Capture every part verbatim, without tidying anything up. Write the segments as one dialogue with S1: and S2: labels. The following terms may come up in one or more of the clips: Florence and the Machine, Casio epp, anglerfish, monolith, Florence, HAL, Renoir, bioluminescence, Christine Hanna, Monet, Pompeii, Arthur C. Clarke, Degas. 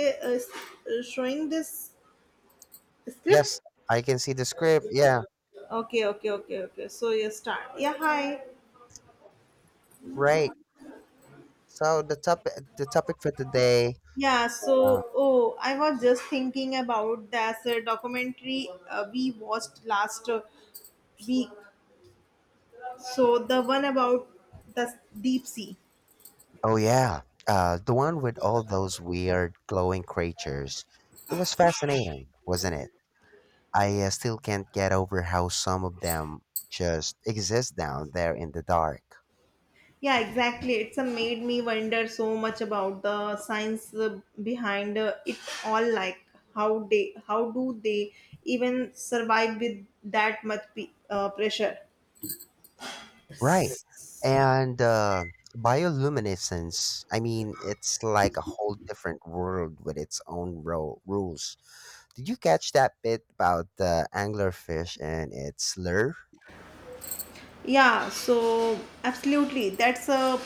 S1: uh, s- uh, Showing this
S2: Yes,
S1: script.
S2: I can see the script. Yeah,
S1: Okay okay okay okay so you start yeah hi.
S2: right. So the topic, the topic for today.
S1: Yeah so
S2: Uh,
S1: oh, I was just thinking about that uh, documentary uh, we watched last uh, week, so the one about the s- deep sea.
S2: oh yeah, uh, the one with all those weird glowing creatures. It was fascinating, wasn't it? I uh, still can't get over how some of them just exist down there in the dark.
S1: Yeah, exactly, it's uh, made me wonder so much about the science uh, behind uh, it all, like how they how do they even survive with that much pe- uh, pressure.
S2: Right. And uh, bioluminescence, I mean, it's like a whole different world with its own ro- rules. Did you catch that bit about the anglerfish and its lure?
S1: Yeah, so absolutely. That's a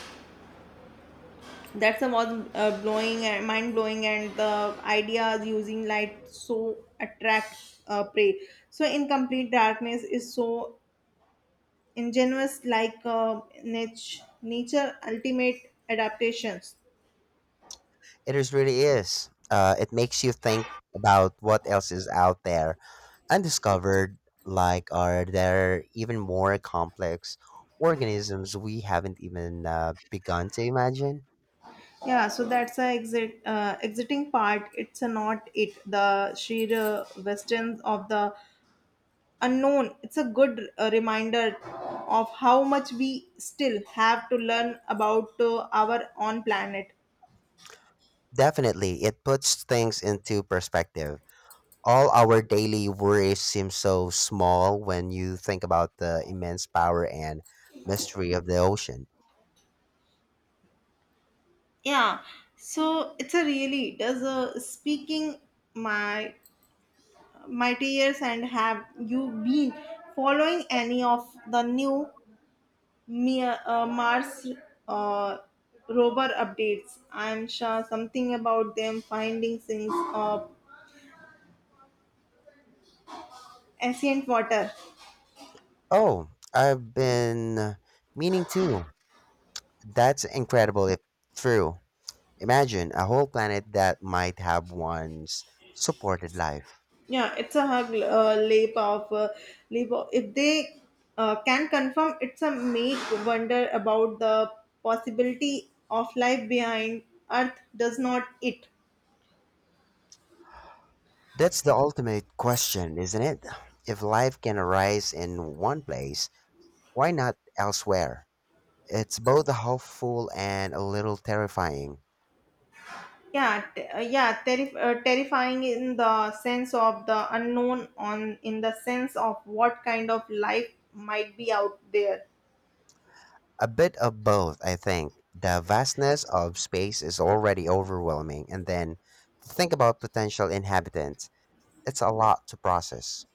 S1: that's a was uh, blowing and mind blowing, and the idea using light so attract uh, prey. So in complete darkness is so ingenious, like uh, niche, nature ultimate adaptations.
S2: It is really is. Uh, it makes you think about what else is out there undiscovered. Like, are there even more complex organisms we haven't even uh, begun to imagine?
S1: Yeah, so that's a exit uh, exiting part. It's a not it, the sheer uh, western of the unknown. It's a good uh, reminder of how much we still have to learn about uh, our own planet.
S2: Definitely, it puts things into perspective. All our daily worries seem so small when you think about the immense power and mystery of the ocean.
S1: Yeah, so it's a really does a speaking my mighty years. And have you been following any of the new Mia- uh, mars uh, rover updates? I'm sure something about them finding things of ancient water.
S2: Oh, I've been meaning to. That's incredible if true. Imagine a whole planet that might have once supported life.
S1: Yeah, it's a hug uh, leap of uh, leap. Of, if they uh, can confirm, it's a make wonder about the possibility of life behind Earth. Does not it?
S2: That's the ultimate question, isn't it? If life can arise in one place, why not elsewhere? It's both hopeful and a little terrifying.
S1: Yeah, t- uh, yeah, terri- uh, terrifying in the sense of the unknown, on in the sense of what kind of life might be out there.
S2: A bit of both, I think. The vastness of space is already overwhelming, and then to think about potential inhabitants, it's a lot to process.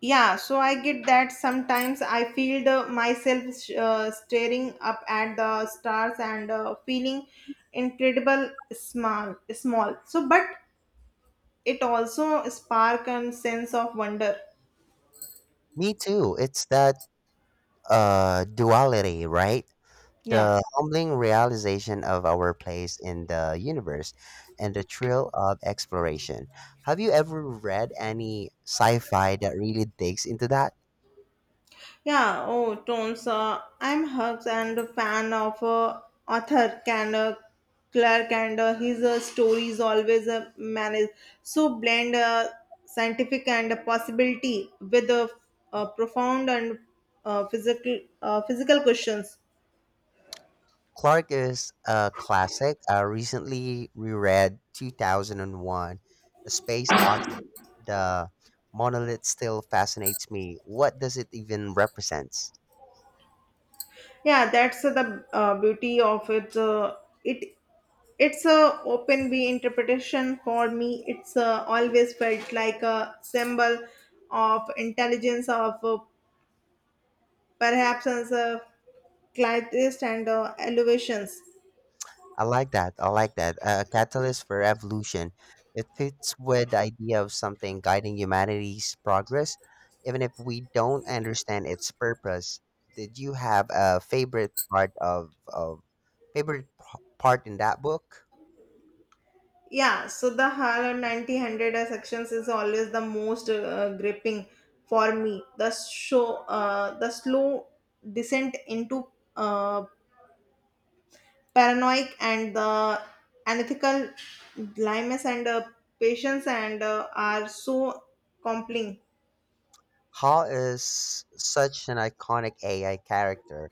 S1: Yeah, so I get that. Sometimes I feel the, myself sh- uh, staring up at the stars and uh, feeling incredible small small. So but it also spark a sense of wonder.
S2: Me too. It's that uh, duality, right?
S1: Yeah.
S2: The humbling realization of our place in the universe and the thrill of exploration. Have you ever read any sci fi that really digs into that?
S1: Yeah, oh, Tones, uh, I'm Hugs and a fan of uh, author can uh, Clark, and uh, his uh, stories always uh, manage so blend uh, scientific and uh, possibility with uh, uh, profound and uh, physical uh, physical questions.
S2: Clark is a classic. I recently reread two thousand one A Space Odyssey. The monolith still fascinates me. What does it even represent?
S1: Yeah, that's uh, the uh, beauty of it. Uh, it it's a open way interpretation for me. It's uh, always felt like a symbol of intelligence of uh, perhaps on the glides and uh, elevations.
S2: I like that. I like that. A catalyst for evolution. It fits with the idea of something guiding humanity's progress, even if we don't understand its purpose. Did you have a favorite part of, of favorite p- part in that book?
S1: Yeah, so the Harlem 90-100 sections is always the most uh, gripping for me. The show, uh, the slow descent into uh, paranoid and the unethical dilemmas and uh, patience and uh, are so compelling.
S2: Hal is such an iconic A I character.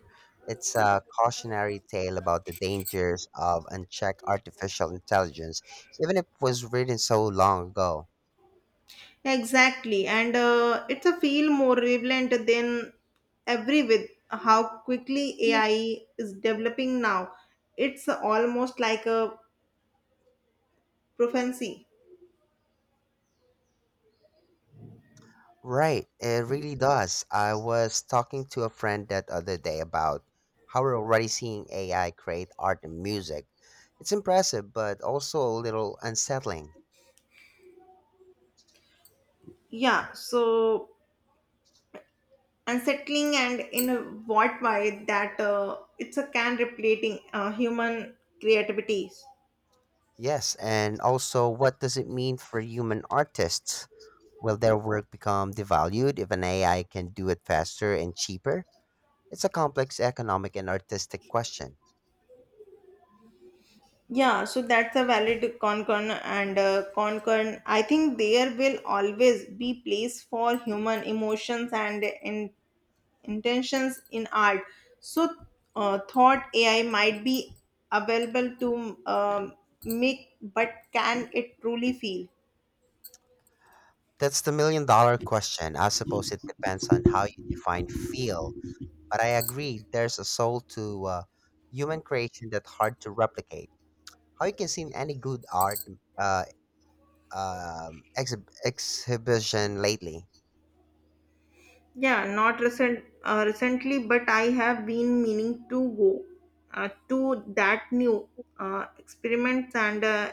S2: It's a cautionary tale about the dangers of unchecked artificial intelligence, even if it was written so long ago.
S1: Exactly, and uh, it's a feel more relevant than every with how quickly A I is developing now. It's almost like a prophecy.
S2: Right, it really does. I was talking to a friend that other day about how we're already seeing A I create art and music. It's impressive, but also a little unsettling.
S1: Yeah, so unsettling and in a what way that uh, it's a can replating uh, human creativities.
S2: Yes, and also what does it mean for human artists? Will their work become devalued if an A I can do it faster and cheaper? It's a complex economic and artistic question.
S1: Yeah, so that's a valid concern and uh, concern. I think there will always be place for human emotions and in. Intentions in art. So, uh, thought A I might be available to um, make, but can it truly feel?
S2: That's the million dollar question. I suppose it depends on how you define feel, but I agree there's a soul to uh, human creation that's hard to replicate. How you can see in any good art uh, um, exhib- exhibition lately?
S1: Yeah, not recent uh, recently, but I have been meaning to go uh, to that new uh, experiments and uh,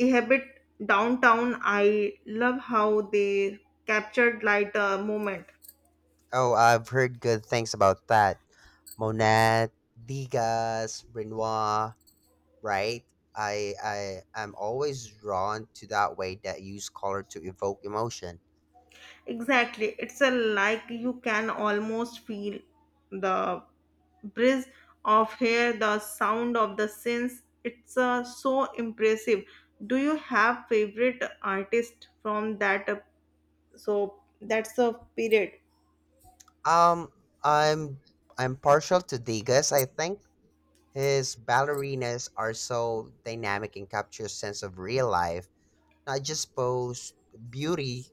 S1: inhabit downtown. I love how they captured light uh, moment.
S2: Oh, I've heard good things about that. Monet, Degas, Renoir, right? I I am always drawn to that way that use color to evoke emotion.
S1: Exactly. It's a like you can almost feel the breeze of hair, the sound of the synths. It's uh, so impressive. Do you have favorite artist from that? Uh, so that's a period.
S2: Um, I'm I'm partial to Degas. I think his ballerinas are so dynamic and capture a sense of real life, not just pose beauty,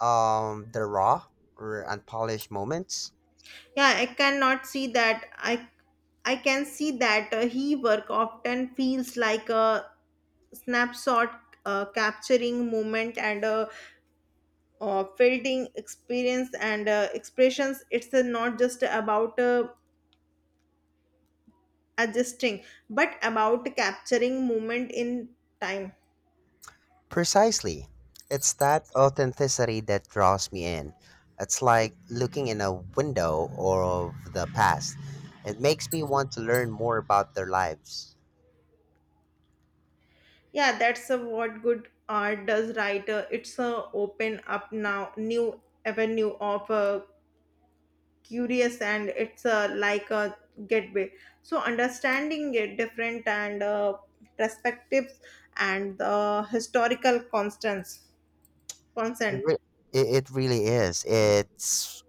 S2: um, the raw or unpolished moments.
S1: Yeah, I cannot see that. I I can see that uh, he work often feels like a snapshot, uh, capturing moment and a uh, fielding experience and uh, expressions. It's uh, not just about uh, adjusting but about capturing moment in time.
S2: Precisely. It's that authenticity that draws me in. It's like looking in a window or of the past. It makes me want to learn more about their lives.
S1: Yeah, that's uh, what good art does, right? Uh, it's uh, open up now new avenue of uh, curious, and it's uh, like a gateway so understanding it different and uh, perspectives and the historical constants
S2: It,
S1: consent.
S2: re- it, it really is. It's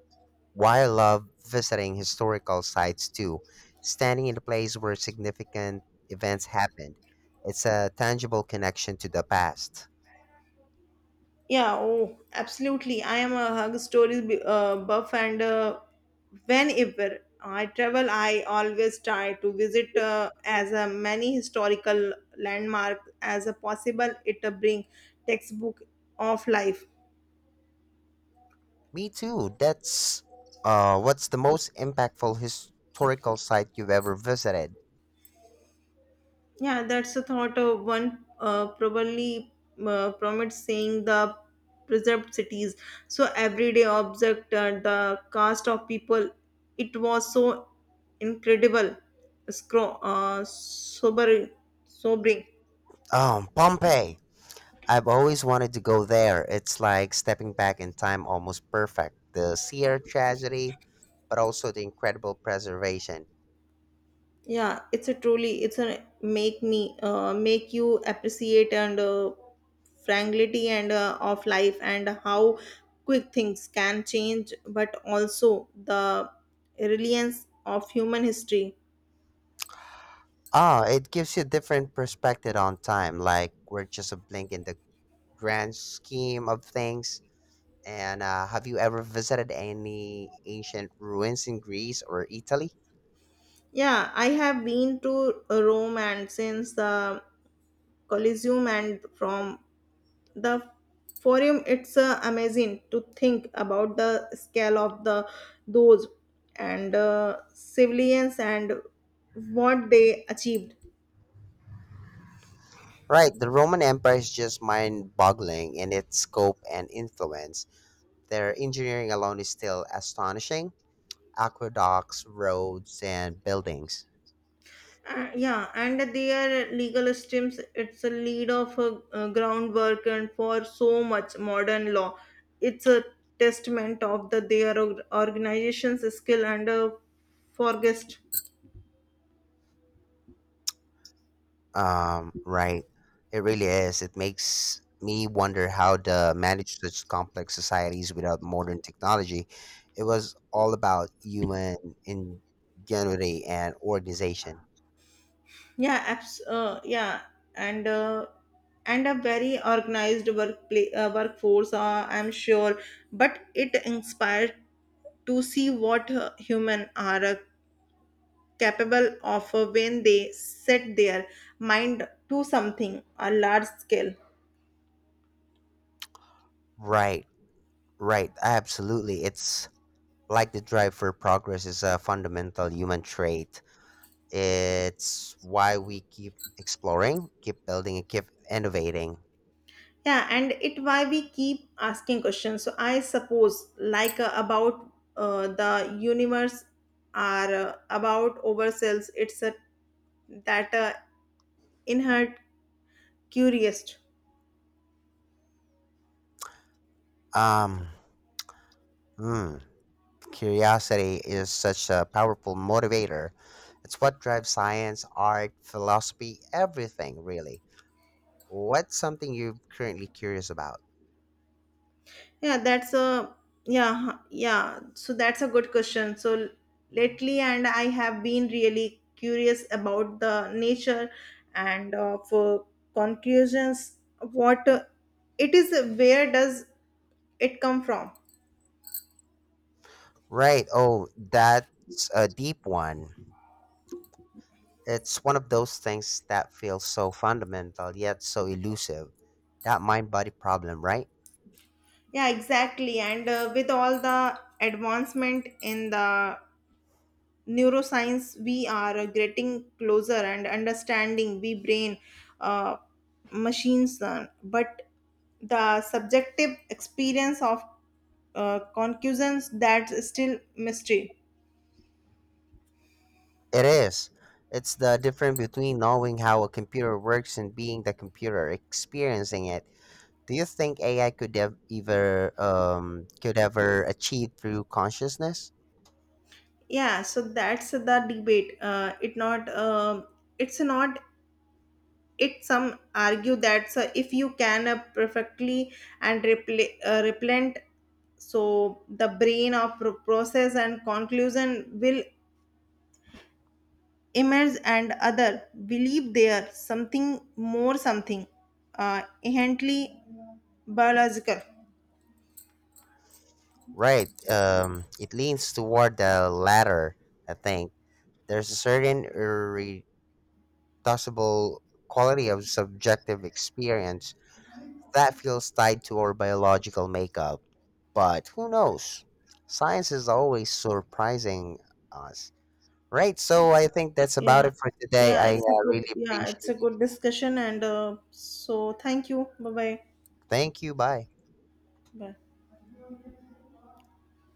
S2: why I love visiting historical sites too. Standing in a place where significant events happened. It's a tangible connection to the past.
S1: Yeah, oh, absolutely. I am a hug stories b- uh, buff, and uh, whenever I travel, I always try to visit uh, as uh, many historical landmark as uh, possible. It uh, bring textbook of life.
S2: Me too. That's uh, what's the most impactful historical site you've ever visited?
S1: Yeah, that's a thought of one uh, probably uh, promotes saying the preserved cities. So everyday object, uh, the cast of people, it was so incredible, scro- uh, sober, sobering.
S2: Um, Pompeii. I've always wanted to go there. It's like stepping back in time almost perfect. The sheer tragedy, but also the incredible preservation.
S1: Yeah, it's a truly, it's a make me uh, make you appreciate and uh, fragility and uh, of life and how quick things can change, but also the reliance of human history.
S2: Oh, it gives you a different perspective on time. Like we're just a blink in the grand scheme of things. And uh, have you ever visited any ancient ruins in Greece or Italy?
S1: Yeah, I have been to Rome and since the Colosseum and from the forum. It's uh, amazing to think about the scale of the those and uh, civilians and what they achieved.
S2: Right, the Roman Empire is just mind boggling in its scope and influence. Their engineering alone is still astonishing aqueducts, roads, and buildings.
S1: Uh, yeah, and their legal systems, it's a lead of a, uh, groundwork and for so much modern law. It's a testament of the their org- organization's skill and uh, forgest.
S2: Um, right. It really is. It makes me wonder how to manage such complex societies without modern technology. It was all about human ingenuity and organization.
S1: yeah abs- uh, yeah and uh, and a very organized workplace uh, workforce, uh, I'm sure, but it inspired to see what uh, human are uh, capable of uh, when they set their mind to something a large scale.
S2: Right, right. Absolutely. It's like the drive for progress is a fundamental human trait. It's why we keep exploring, keep building, and keep innovating.
S1: Yeah, and it why we keep asking questions. So I suppose, like, uh, about uh, the universe, are uh, about ourselves. It's a, that uh, inherent curious.
S2: Um, hmm. Curiosity is such a powerful motivator. It's what drives science, art, philosophy, everything, really. What's something you're currently curious about?
S1: Yeah, that's a yeah, huh, yeah. So that's a good question. So lately, and I have been really curious about the nature and of uh, for conclusions. What uh, it is, uh, where does it come from?
S2: Right. Oh, that's a deep one. It's one of those things that feels so fundamental yet so elusive. That mind body problem, right?
S1: Yeah, exactly. And uh, with all the advancement in the neuroscience, we are uh, getting closer and understanding we brain uh, machines, uh, but the subjective experience of uh, concussions, that's still mystery.
S2: It is. It's the difference between knowing how a computer works and being the computer, experiencing it. Do you think A I could ev- ever um, could ever achieve through consciousness?
S1: Yeah, so that's the debate. Uh, it not uh, it's not, it some argue that so if you can uh, perfectly and repl- uh, replant so the brain of pro- process and conclusion will emerge, and other believe there something more, something uh inherently biological.
S2: Right. Um, it leans toward the latter. I think there's a certain irreducible quality of subjective experience that feels tied to our biological makeup. But who knows? Science is always surprising us. Right. So I think that's about
S1: Yeah,
S2: it for today.
S1: yeah,
S2: I uh,
S1: it's a good,
S2: really
S1: yeah, it's a
S2: appreciate.
S1: good discussion, and uh, so thank you. Bye bye.
S2: Thank you. Bye.
S1: Bye.